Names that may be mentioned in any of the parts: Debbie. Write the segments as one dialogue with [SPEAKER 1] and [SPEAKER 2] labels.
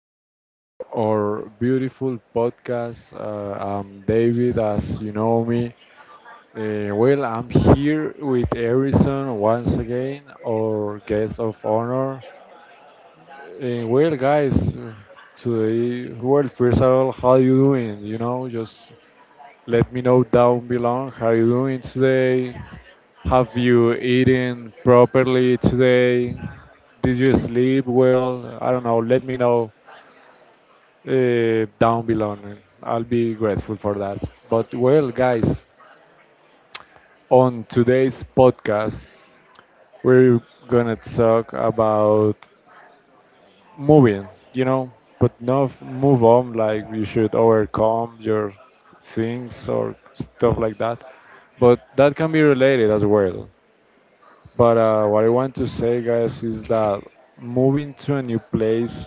[SPEAKER 1] Welcome to our beautiful podcast. I'm David, as you know me. Well, I'm here with Harrison once again, our guest of honor. Well, guys, today, well, first of all, how you doing? Just let me know down below how you doing today. Have you eaten properly today? Did you sleep well? I don't know. Let me know down below. I'll be grateful for that. But well, guys, on today's podcast, we're gonna talk about moving, but not move on like you should overcome your things or stuff like that. But that can be related as well. But what I want to say, guys, is that moving to a new place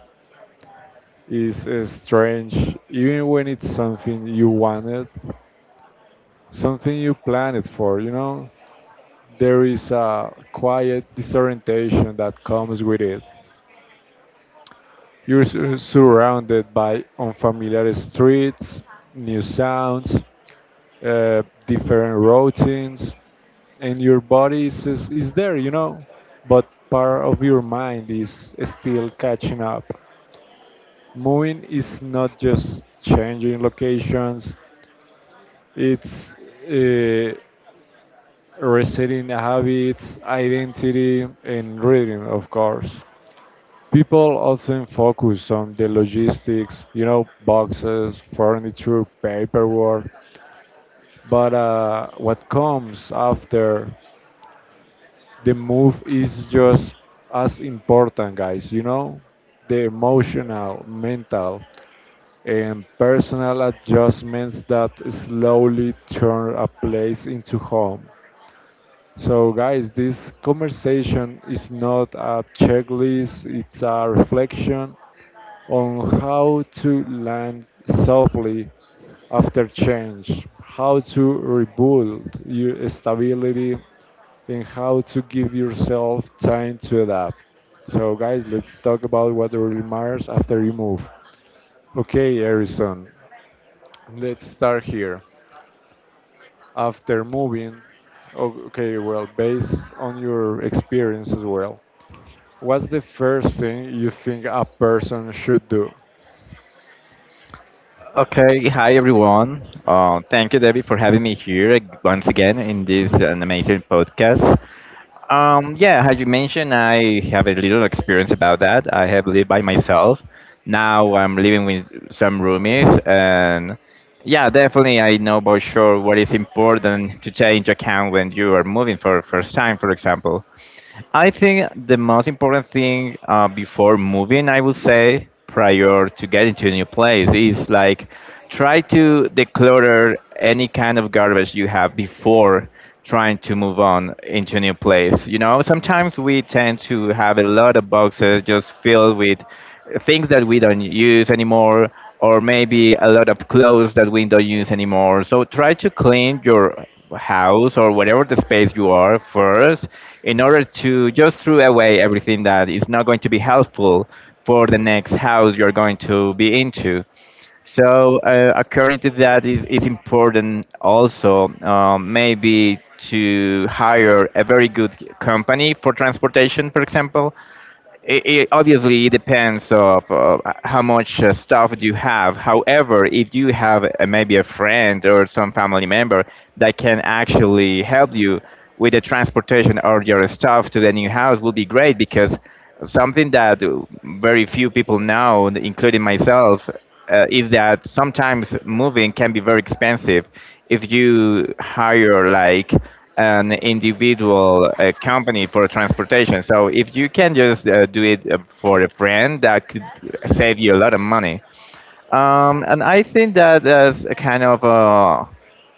[SPEAKER 1] is strange, even when it's something you wanted, something you planned for. There is a quiet disorientation that comes with it. You're surrounded by unfamiliar streets, new sounds, different routines, and your body is there, but part of your mind is still catching up. Moving is not just changing locations, it's uh, resetting habits, identity, and rhythm, of course. People often focus on the logistics, boxes, furniture, paperwork, but what comes after the move is just as important, guys, the emotional, mental, and personal adjustments that slowly turn a place into home. So, guys, this conversation is not a checklist, it's a reflection on how to land softly after change, how to rebuild your stability, and how to give yourself time to adapt. So, guys, let's talk about what really matters after you move. Okay, Harrison, let's start here. After moving, okay, well, based on your experience as well, what's the first thing you think a person should do?
[SPEAKER 2] Okay, hi everyone. Thank you, Debbie, for having me here once again in this an amazing podcast. Yeah, as you mentioned, I have a little experience about that. I have lived by myself. Now I'm living with some roomies, and yeah, definitely I know for sure what is important to take into account when you are moving for first time, for example. I think the most important thing before moving, I would say, prior to getting to a new place, is like try to declutter any kind of garbage you have before trying to move on into a new place. You know, sometimes we tend to have a lot of boxes just filled with things that we don't use anymore, or maybe a lot of clothes that we don't use anymore, so try to clean your house or whatever the space you are first in order to just throw away everything that is not going to be helpful for the next house you're going to be into. So according to that, is it's important also, maybe to hire a very good company for transportation, for example. It obviously depends of how much stuff you have. However, if you have maybe a friend or some family member that can actually help you with the transportation or your stuff to the new house, will be great, because something that very few people know, including myself, is that sometimes moving can be very expensive if you hire like an individual company for transportation. So if you can just do it for a friend, that could save you a lot of money. And I think that is a kind of a.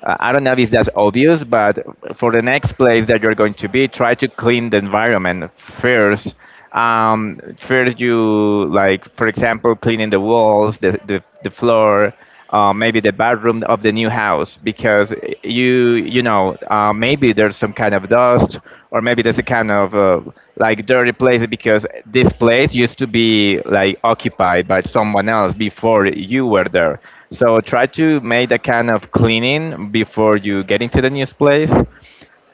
[SPEAKER 2] I don't know if that's obvious, but for the next place that you're going to be, try to clean the environment first. First, you like, for example, cleaning the walls, the floor, maybe the bathroom of the new house, because you know maybe there's some kind of dust, or maybe there's a kind of like dirty place, because this place used to be like occupied by someone else before you were there. So try to make that kind of cleaning before you get into the new place.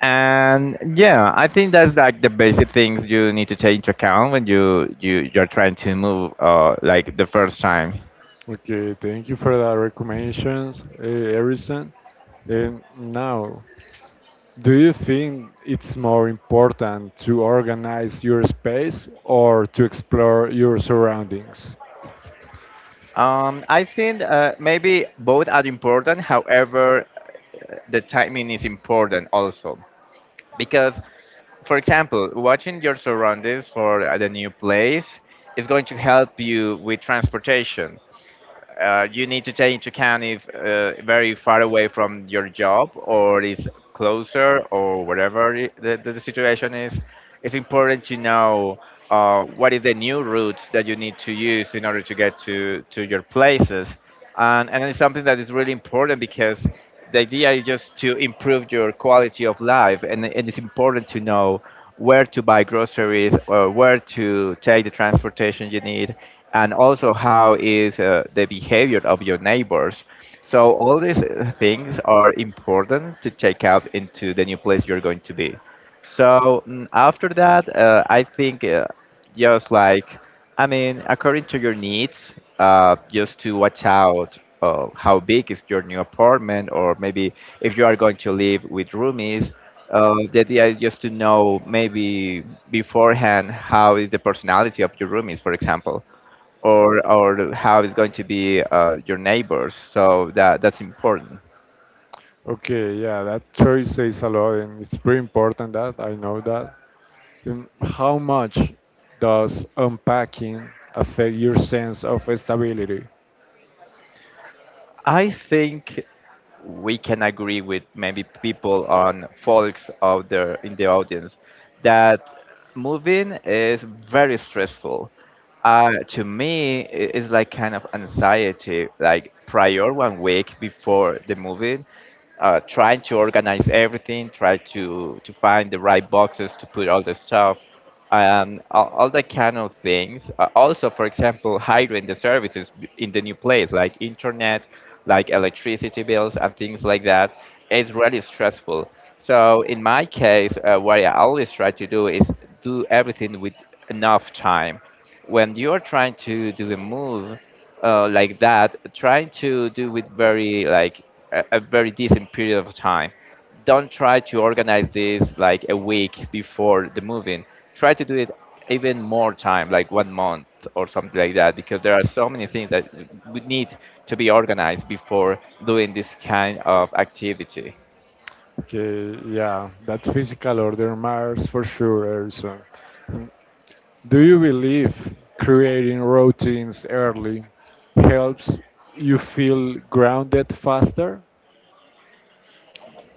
[SPEAKER 2] And yeah, I think that's like the basic things you need to take into account when you're trying to move like the first time.
[SPEAKER 1] Okay, thank you for the recommendations, Harrison. And now, do you think it's more important to organize your space or to explore your surroundings?
[SPEAKER 2] I think maybe both are important. However, the timing is important also, because, for example, watching your surroundings for the new place is going to help you with transportation. You need to take into account if very far away from your job, or is closer, or whatever the situation is. It's important to know what is the new route that you need to use in order to get to your places, and it's something that is really important, because the idea is just to improve your quality of life, and it's important to know where to buy groceries or where to take the transportation you need, and also how is the behavior of your neighbors. So all these things are important to check out into the new place you're going to be. So after that, I think just like, I mean, according to your needs, just to watch out how big is your new apartment, or maybe if you are going to live with roomies. The idea is just to know maybe beforehand how is the personality of your roomies, for example, or how is going to be your neighbors. So that's important.
[SPEAKER 1] Okay, yeah, that choice says a lot, and it's pretty important that I know that. How much does unpacking affect your sense of stability?
[SPEAKER 2] I think we can agree with maybe people on folks out there in the audience that moving is very stressful. To me, it's like kind of anxiety, like prior 1 week before the moving, trying to organize everything, try to find the right boxes to put all the stuff, all the kind of things. Also, for example, hiring the services in the new place, like internet, like electricity bills and things like that, is really stressful. So in my case, what I always try to do is do everything with enough time when you are trying to do a move like that, trying to do it very like a very decent period of time. Don't try to organize this like a week before the moving. Try to do it even more time, like 1 month or something like that, because there are so many things that would need to be organized before doing this kind of activity.
[SPEAKER 1] Okay, yeah, that physical order matters for sure, Harrison. Do you believe creating routines early helps you feel grounded faster?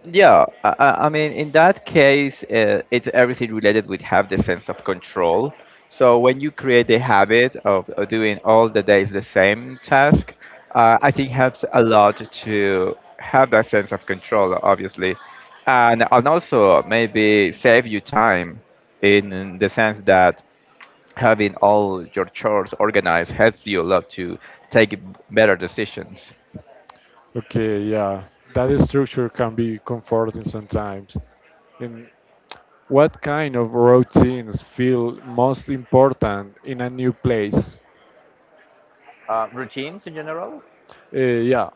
[SPEAKER 2] Yeah, I mean, in that case, it's everything related with have the sense of control. So when you create the habit of doing all the days the same task, I think helps a lot to have that sense of control, obviously, and also maybe save you time in the sense that having all your chores organized helps you a lot to take better decisions.
[SPEAKER 1] Okay, yeah, that structure can be comforting sometimes. And what kind of routines feel most important in a new place?
[SPEAKER 2] Routines in general.
[SPEAKER 1] Uh, yeah,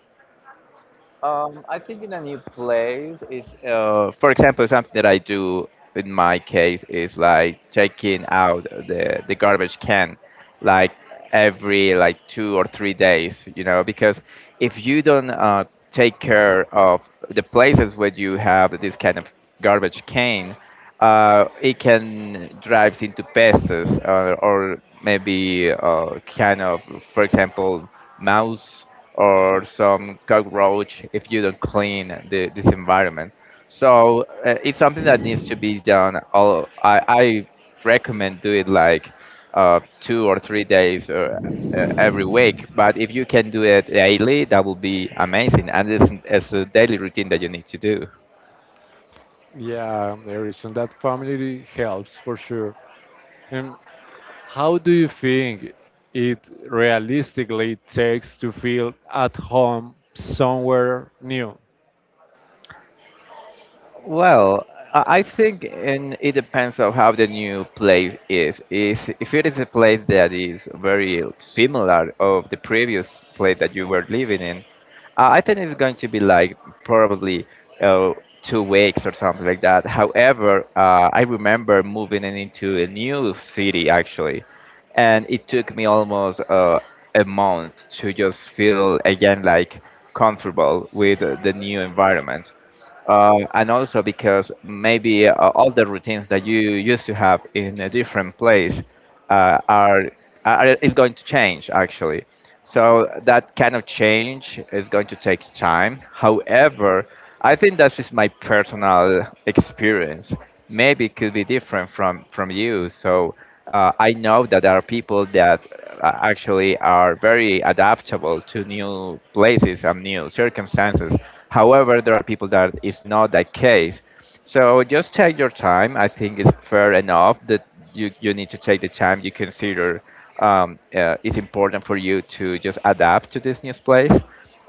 [SPEAKER 2] I think in a new place is, for example, something that I do in my case is like taking out the garbage can, like every like 2 or 3 days, you know, because if you don't take care of the places where you have this kind of garbage can, it can drive into pests, or maybe kind of, for example, mouse or some cockroach if you don't clean this environment. So it's something that needs to be done. All I recommend do it like 2 or 3 days, or every week. But if you can do it daily, that will be amazing, and it's a daily routine that you need to do.
[SPEAKER 1] yeah, there is, and that family helps for sure. And how do you think it realistically takes to feel at home somewhere new?
[SPEAKER 2] Well, I think and it depends on how the new place is. Is if it is a place that is very similar of the previous place that you were living in, I think it's going to be like probably uh, 2 weeks or something like that. However, I remember moving in into a new city actually, and it took me almost a month to just feel again like comfortable with the new environment. And also because maybe all the routines that you used to have in a different place uh, are, are is going to change actually. So that kind of change is going to take time. However, I think that's just my personal experience. Maybe it could be different from you. So I know that there are people that actually are very adaptable to new places and new circumstances. However, there are people that is not that case. So just take your time. I think it's fair enough that you need to take the time you consider it's important for you to just adapt to this new place.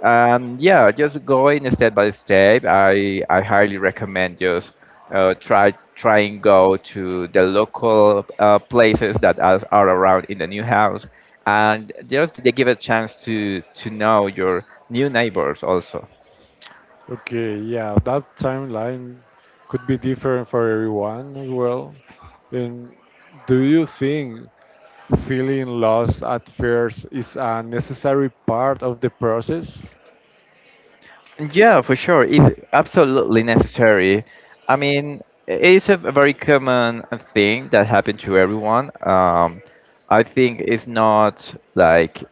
[SPEAKER 2] Yeah, just going step by step. I highly recommend just try and go to the local places that are around in the new house, and just they give a chance to know your new neighbors also.
[SPEAKER 1] Okay, yeah, that timeline could be different for everyone as well. And do you think feeling lost at first is a necessary part of the process?
[SPEAKER 2] Yeah, for sure, it's absolutely necessary. I mean, it's a very common thing that happened to everyone. I think it's not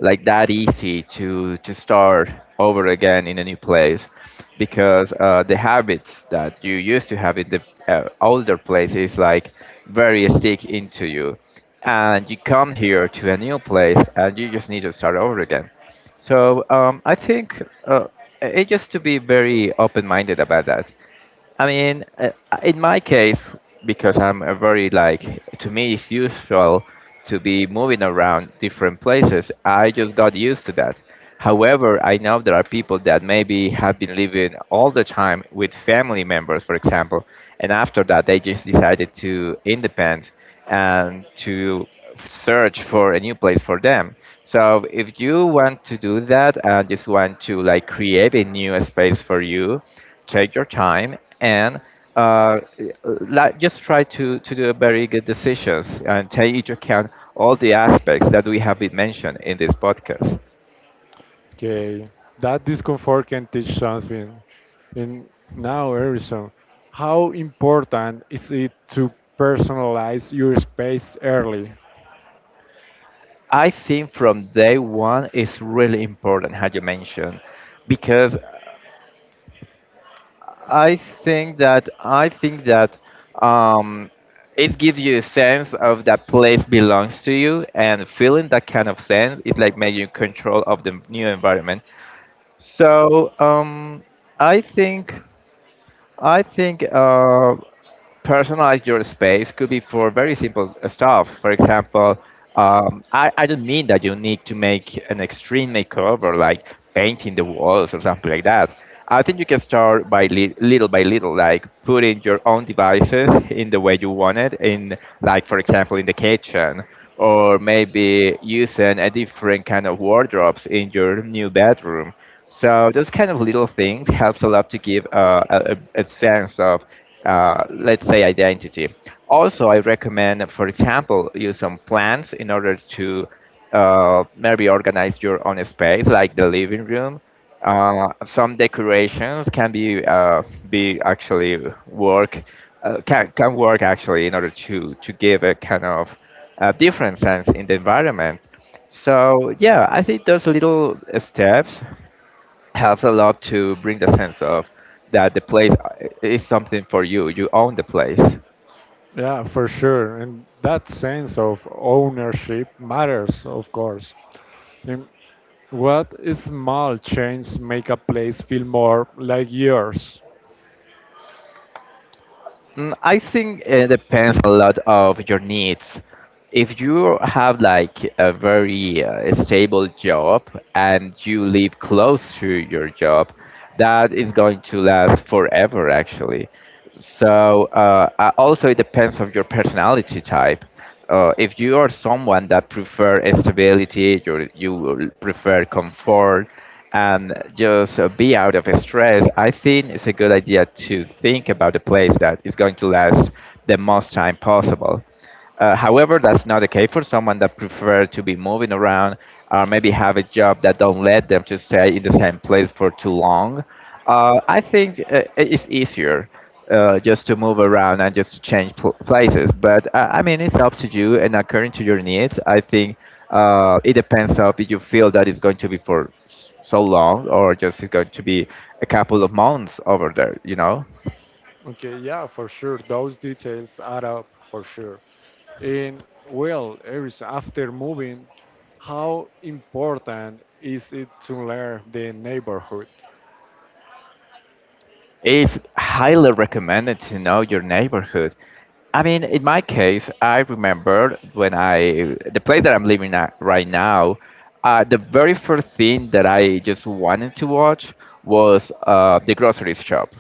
[SPEAKER 2] like that easy to start over again in a new place, because the habits that you used to have in the older place is like very stick into you, and you come here to a new place and you just need to start over again. So I think it just to be very open-minded about that. I mean, in my case, because I'm a very like, to me it's usual to be moving around different places. I just got used to that. However, I know there are people that maybe have been living all the time with family members, for example, and after that they just decided to independ and to search for a new place for them. So if you want to do that and just want to like create a new space for you, take your time and uh, like, just try to do very good decisions and take into account all the aspects that we have been mentioned in this podcast.
[SPEAKER 1] Okay, that discomfort can teach something. And now, Harrison, how important is it to personalize your space early?
[SPEAKER 2] I think from day one is really important, as you mentioned, because I I think that um, it gives you a sense of that place belongs to you, and feeling that kind of sense is like making you control of the new environment. So I think I think personalize your space could be for very simple stuff. For example, I don't mean that you need to make an extreme makeover like painting the walls or something like that. I think you can start by little by little, like putting your own devices in the way you want it, in like for example in the kitchen, or maybe using a different kind of wardrobes in your new bedroom, so those kind of little things helps a lot to give a sense of, let's say, identity. Also, I recommend, for example, use some plants in order to maybe organize your own space, like the living room. Some decorations can be actually work can work actually in order to give a kind of different sense in the environment. So yeah, I think those little steps helps a lot to bring the sense of that the place is something for you. You own the place.
[SPEAKER 1] Yeah, for sure. And that sense of ownership matters, of course. And what small change make a place feel more like yours?
[SPEAKER 2] Mm, I think it depends a lot of your needs. If you have like a very stable job and you live close to your job, that is going to last forever actually. So also it depends on your personality type. If you are someone that prefer stability, you will prefer comfort, and just be out of stress, I think it's a good idea to think about a place that is going to last the most time possible. However, that's not the case for someone that prefer to be moving around or maybe have a job that don't let them to stay in the same place for too long. I think it's easier just to move around and just to change places. But I mean, it's up to you and according to your needs. I think it depends on if you feel that it's going to be for so long or just it's going to be a couple of months over there. You know.
[SPEAKER 1] Okay, yeah, for sure. Those details add up for sure. And well, Iris, after moving, how important is it to learn the neighborhood?
[SPEAKER 2] It's highly recommended to know your neighborhood. I mean, in my case, I remember when I, the place that I'm living at right now, the very first thing that I just wanted to watch was the grocery shop,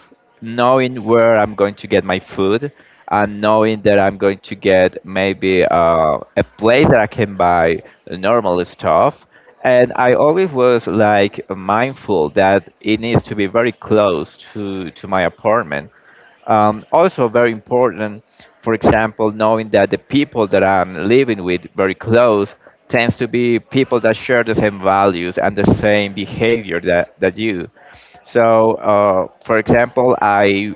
[SPEAKER 2] knowing where I'm going to get my food and knowing that I'm going to get maybe a place that I can buy normal stuff. And I always was like mindful that it needs to be very close to my apartment. Um, also, very important, for example, knowing that the people that I'm living with very close tends to be people that share the same values and the same behavior that, that you. So, for example, I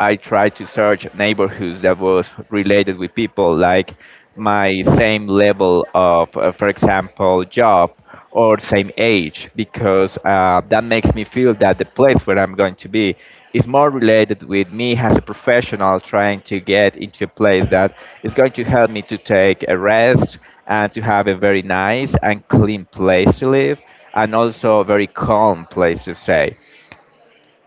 [SPEAKER 2] I tried to search neighborhoods that was related with people like my same level of, for example, job or same age, because that makes me feel that the place where I'm going to be is more related with me as a professional, trying to get into a place that is going to help me to take a rest and to have a very nice and clean place to live and also a very calm place to stay.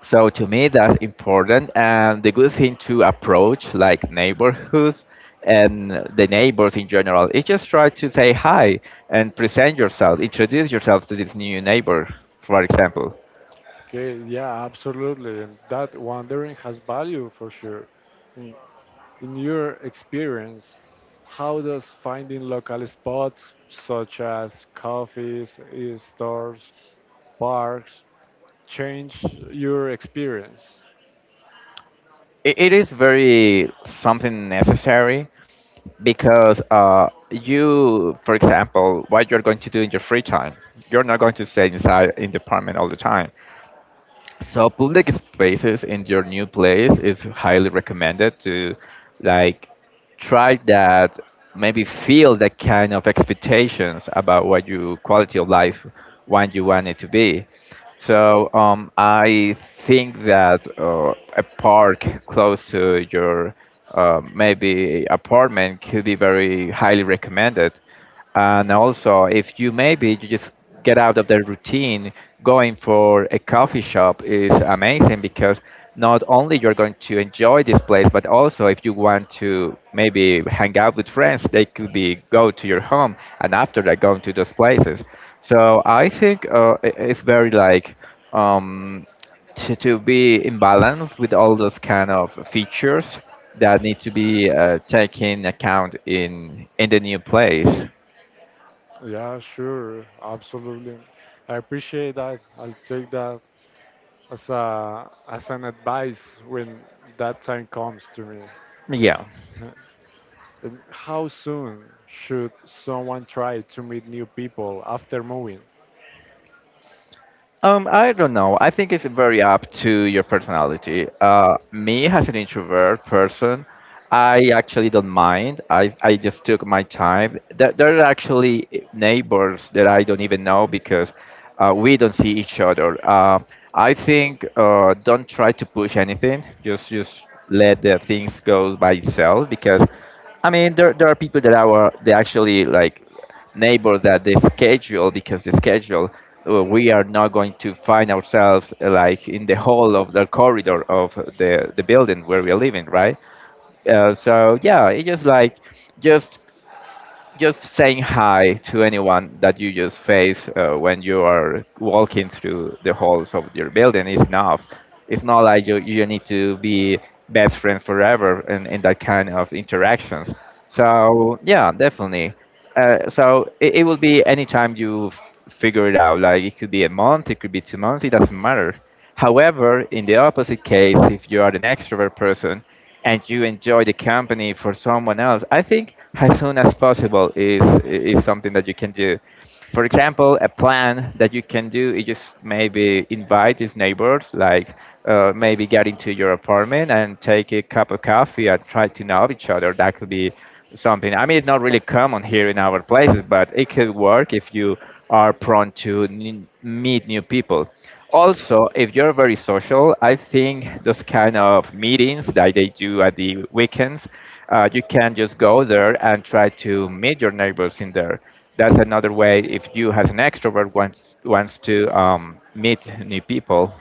[SPEAKER 2] So to me, that's important. And the good thing to approach like neighborhoods and the neighbors in general is just try to say hi and present yourself, introduce yourself to this new neighbor, for example.
[SPEAKER 1] Okay, yeah, absolutely. And that wandering has value for sure. In your experience, how does finding local spots such as coffees, eh, stores, parks change your experience?
[SPEAKER 2] It is very something necessary, because you, for example, what you're going to do in your free time, you're not going to stay inside in the apartment all the time. So public spaces in your new place is highly recommended to like try that, maybe feel that kind of expectations about what your quality of life want you want it to be. I think that a park close to your maybe apartment could be very highly recommended. And also, if you maybe you just get out of the routine, going for a coffee shop is amazing, because not only you're going to enjoy this place, but also if you want to maybe hang out with friends, they could be go to your home and after that going to those places. So I think it's very like um, to be in balance with all those kind of features that need to be taken account in the new place.
[SPEAKER 1] Yeah, sure, absolutely. I appreciate that. I'll take that as a as an advice when that time comes to me.
[SPEAKER 2] Yeah.
[SPEAKER 1] How soon should someone try to meet new people after moving?
[SPEAKER 2] I don't know. I think it's very up to your personality. Me as an introvert person, I actually don't mind. I just took my time. There are actually neighbors that I don't even know, because we don't see each other. I think don't try to push anything. Just let the things go by itself, because I mean, there are people that are that actually like neighbor that the schedule because the schedule, we are not going to find ourselves like in the hall of the corridor of the building where we are living right. So yeah, it's just like just just saying hi to anyone that you just face when you are walking through the halls of your building is enough. It's not like you need to be best friends forever in that kind of interactions. So yeah, definitely. It will be any time you figure it out. Like it could be a month, it could be 2 months, it doesn't matter. However, in the opposite case, if you are an extrovert person and you enjoy the company for someone else, I think as soon as possible is something that you can do. For example, a plan that you can do is just maybe invite these neighbors, like maybe get into your apartment and take a cup of coffee and try to know each other. That could be something. I mean, it's not really common here in our places, but it could work if you are prone to meet new people. Also, if you're very social, I think those kind of meetings that they do at the weekends, you can just go there and try to meet your neighbors in there. That's another way if you as an extrovert wants to meet new people.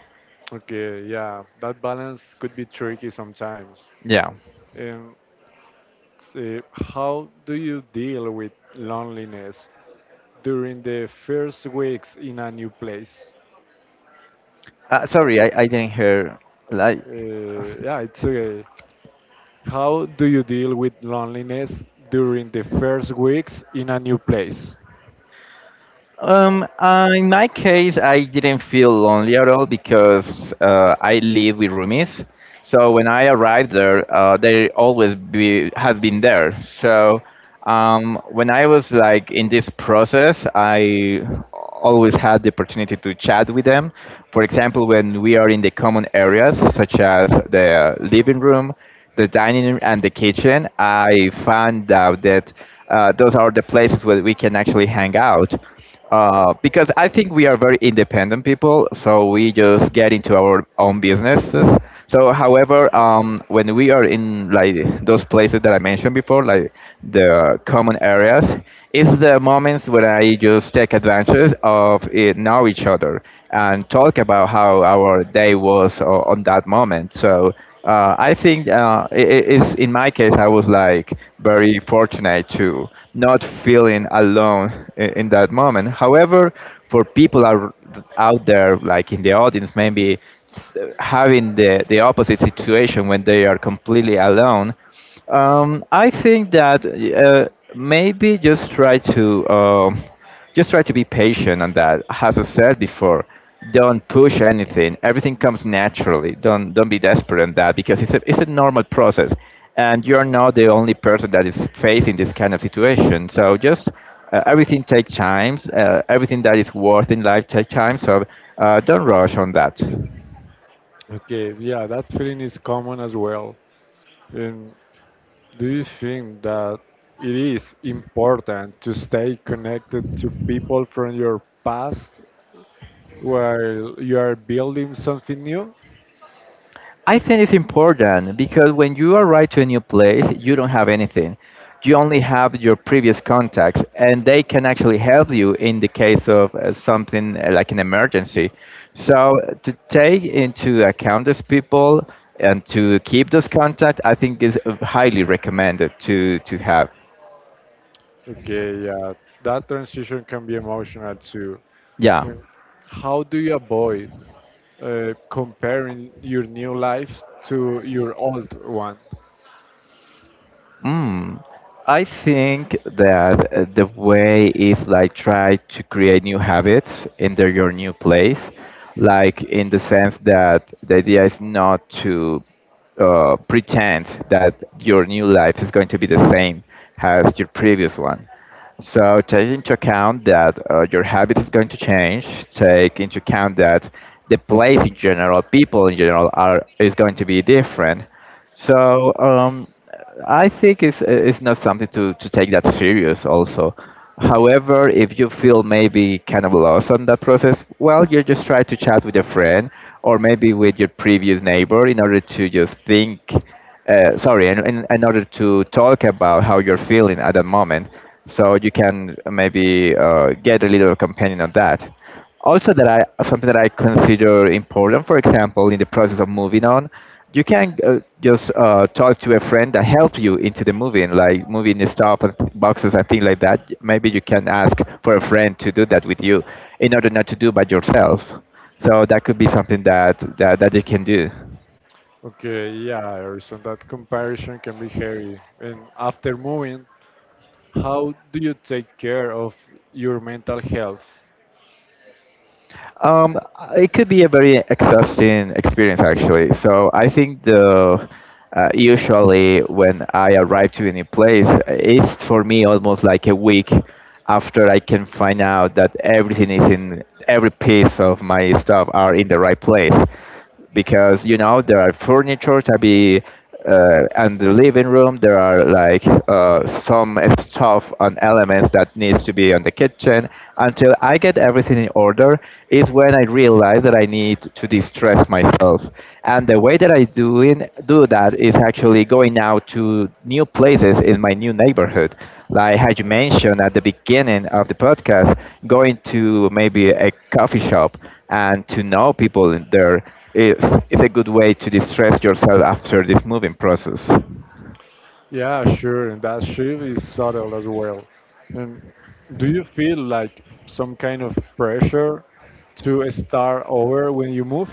[SPEAKER 1] Okay, yeah, that balance could be tricky sometimes.
[SPEAKER 2] Yeah.
[SPEAKER 1] Um, how do you deal with loneliness during the first weeks in a new place?
[SPEAKER 2] Sorry, I didn't hear. Like,
[SPEAKER 1] Yeah, it's okay. How do you deal with loneliness during the first weeks in a new place?
[SPEAKER 2] In my case, I didn't feel lonely at all, because I live with roomies. So when I arrived there, have been there. So when I was like in this process, I always had the opportunity to chat with them. For example, when we are in the common areas, such as the living room, the dining room and the kitchen, I found out that those are the places where we can actually hang out, because I think we are very independent people, so we just get into our own businesses. So, however, when we are in like those places that I mentioned before, like the common areas, it's the moments when I just take advantage of it, know each other and talk about how our day was on that moment. So I think it's in my case I was like very fortunate to not feeling alone in that moment. However, for people are out there like in the audience maybe having the opposite situation when they are completely alone, I think that maybe just try to be patient on that. As I said before, don't push anything. Everything comes naturally. Don't be desperate on that, because it's a normal process, and you're not the only person that is facing this kind of situation. So just everything takes time. Everything that is worth in life takes time. So don't rush on that.
[SPEAKER 1] Okay, yeah, that feeling is common as well. And do you think that it is important to stay connected to people from your past while you are building something new?
[SPEAKER 2] I think it's important, because when you arrive to a new place, you don't have anything. You only have your previous contacts, and they can actually help you in the case of something like an emergency. So to take into account those people and to keep those contacts, I think is highly recommended to have.
[SPEAKER 1] Okay, yeah, that transition can be emotional too.
[SPEAKER 2] Yeah.
[SPEAKER 1] And how do you avoid comparing your new life to your old one?
[SPEAKER 2] Mm, I think that the way is like try to create new habits in the, your new place, like in the sense that the idea is not to pretend that your new life is going to be the same as your previous one. So take into account that your habit is going to change. Take into account that the place in general, people in general, are is going to be different. So I think it's not something to take that serious. However, if you feel maybe kind of lost on that process, well, you just try to chat with a friend or maybe with your previous neighbor in order to just think, sorry, in order to talk about how you're feeling at that moment. So you can maybe get a little companion on that. Also, that I something that I consider important, for example, in the process of moving on, you can just talk to a friend that helps you into the moving, like moving the stuff and boxes and things like that. Maybe you can ask for a friend to do that with you, in order not to do by yourself. So that could be something that you can do.
[SPEAKER 1] Okay, yeah, Erson, that comparison can be heavy. And after moving, how do you take care of your mental health?
[SPEAKER 2] It could be a very exhausting experience, actually. So I think the usually when I arrive to any place, it's for me almost like a week after I can find out that everything is in every piece of my stuff are in the right place, because there are furniture to be, and the living room, there are like some stuff and elements that needs to be on the kitchen. Until I get everything in order is when I realize that I need to distress myself. And the way that I do that is actually going out to new places in my new neighborhood, like as you mentioned at the beginning of the podcast, going to maybe a coffee shop and to know people in there, it's, it's a good way to distress yourself after this moving process.
[SPEAKER 1] Yeah, sure, and that shift is subtle as well. And do you feel like some kind of pressure to start over when you move?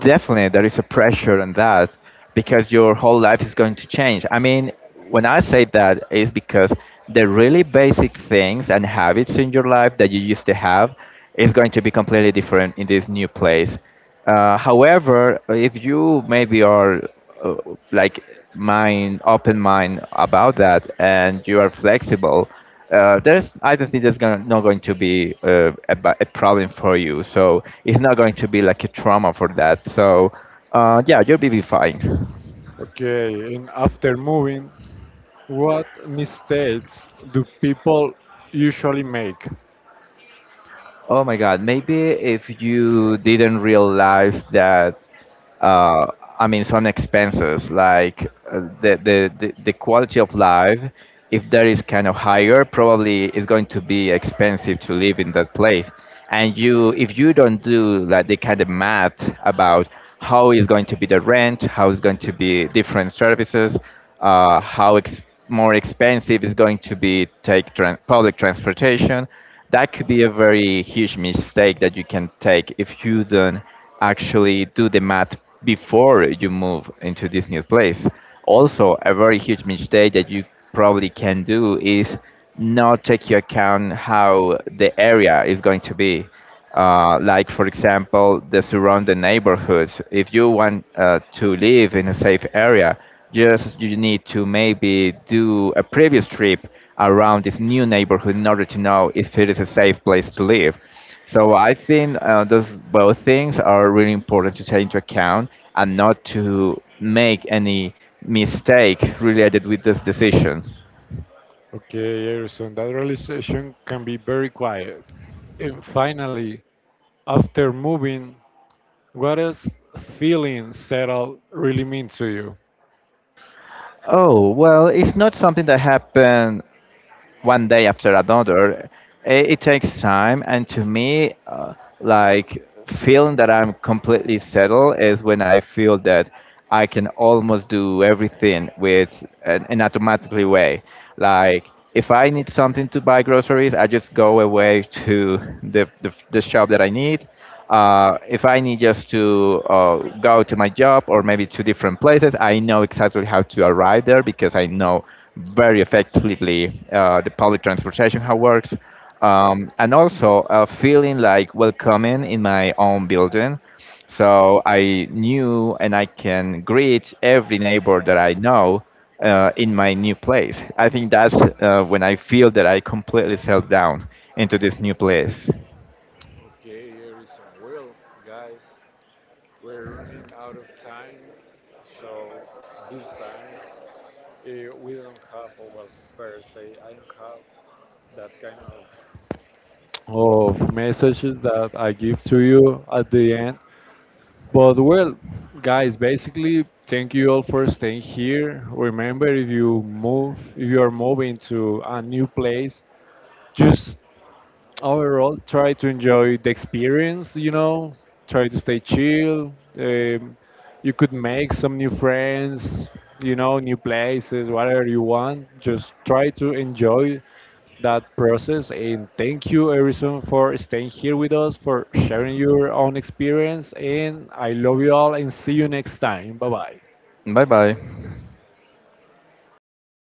[SPEAKER 2] Definitely, there is a pressure on that, because your whole life is going to change. I mean, when I say that, is because the really basic things and habits in your life that you used to have is going to be completely different in this new place. However, if you maybe are uh, like mind open mind about that, and you are flexible. There's I don't think not going to be a problem for you. So it's not going to be like a trauma for that. So yeah, you'll be fine.
[SPEAKER 1] Okay, and after moving, what mistakes do people usually make?
[SPEAKER 2] Oh my God, maybe if you didn't realize that. uh, I mean, some expenses like the quality of life. If that is kind of higher, probably it's going to be expensive to live in that place. And you, if you don't do like the kind of math about how is going to be the rent, how is going to be different services, uh, how ex- more expensive is going to be take tran public transportation. That could be a very huge mistake that you can take if you don't actually do the math before you move into this new place. Also, a very huge mistake that you probably can do is not take into account how the area is going to be. Like, for example, the surrounding neighborhoods. If you want to live in a safe area, just you need to maybe do a previous trip around this new neighborhood in order to know if it is a safe place to live. So I think those both things are really important to take into account and not to make any mistake related with this decision.
[SPEAKER 1] Okay, Erison, that realization can be very quiet. And finally, after moving, what does feeling settled really mean to you?
[SPEAKER 2] Oh, well, it's not something that happened one day after another. It takes time, and to me, like feeling that I'm completely settled is when I feel that I can almost do everything with an automatically way. Like if I need something to buy groceries, I just go away to the shop that I need. If I need just to go to my job or maybe to different places, I know exactly how to arrive there because I know very effectively the public transportation how it works. And also feeling like welcoming in my own building. So I knew and I can greet every neighbor that I know in my new place. I think that's when I feel that I completely settled down into this new place.
[SPEAKER 1] Okay, Erison. Well, guys, we're running out of time, so this time we don't have, or well, better say, I don't have that kind of messages that I give to you at the end. But well, guys, basically, thank you all for staying here. Remember, if you move, if you are moving to a new place, just overall try to enjoy the experience, you know, try to stay chill, um, you could make some new friends, you know, new places, whatever you want, just try to enjoy that process. And thank you, Erison, for staying here with us for sharing your own experience, and I love you all, and see you next time. Bye bye.
[SPEAKER 2] Bye bye.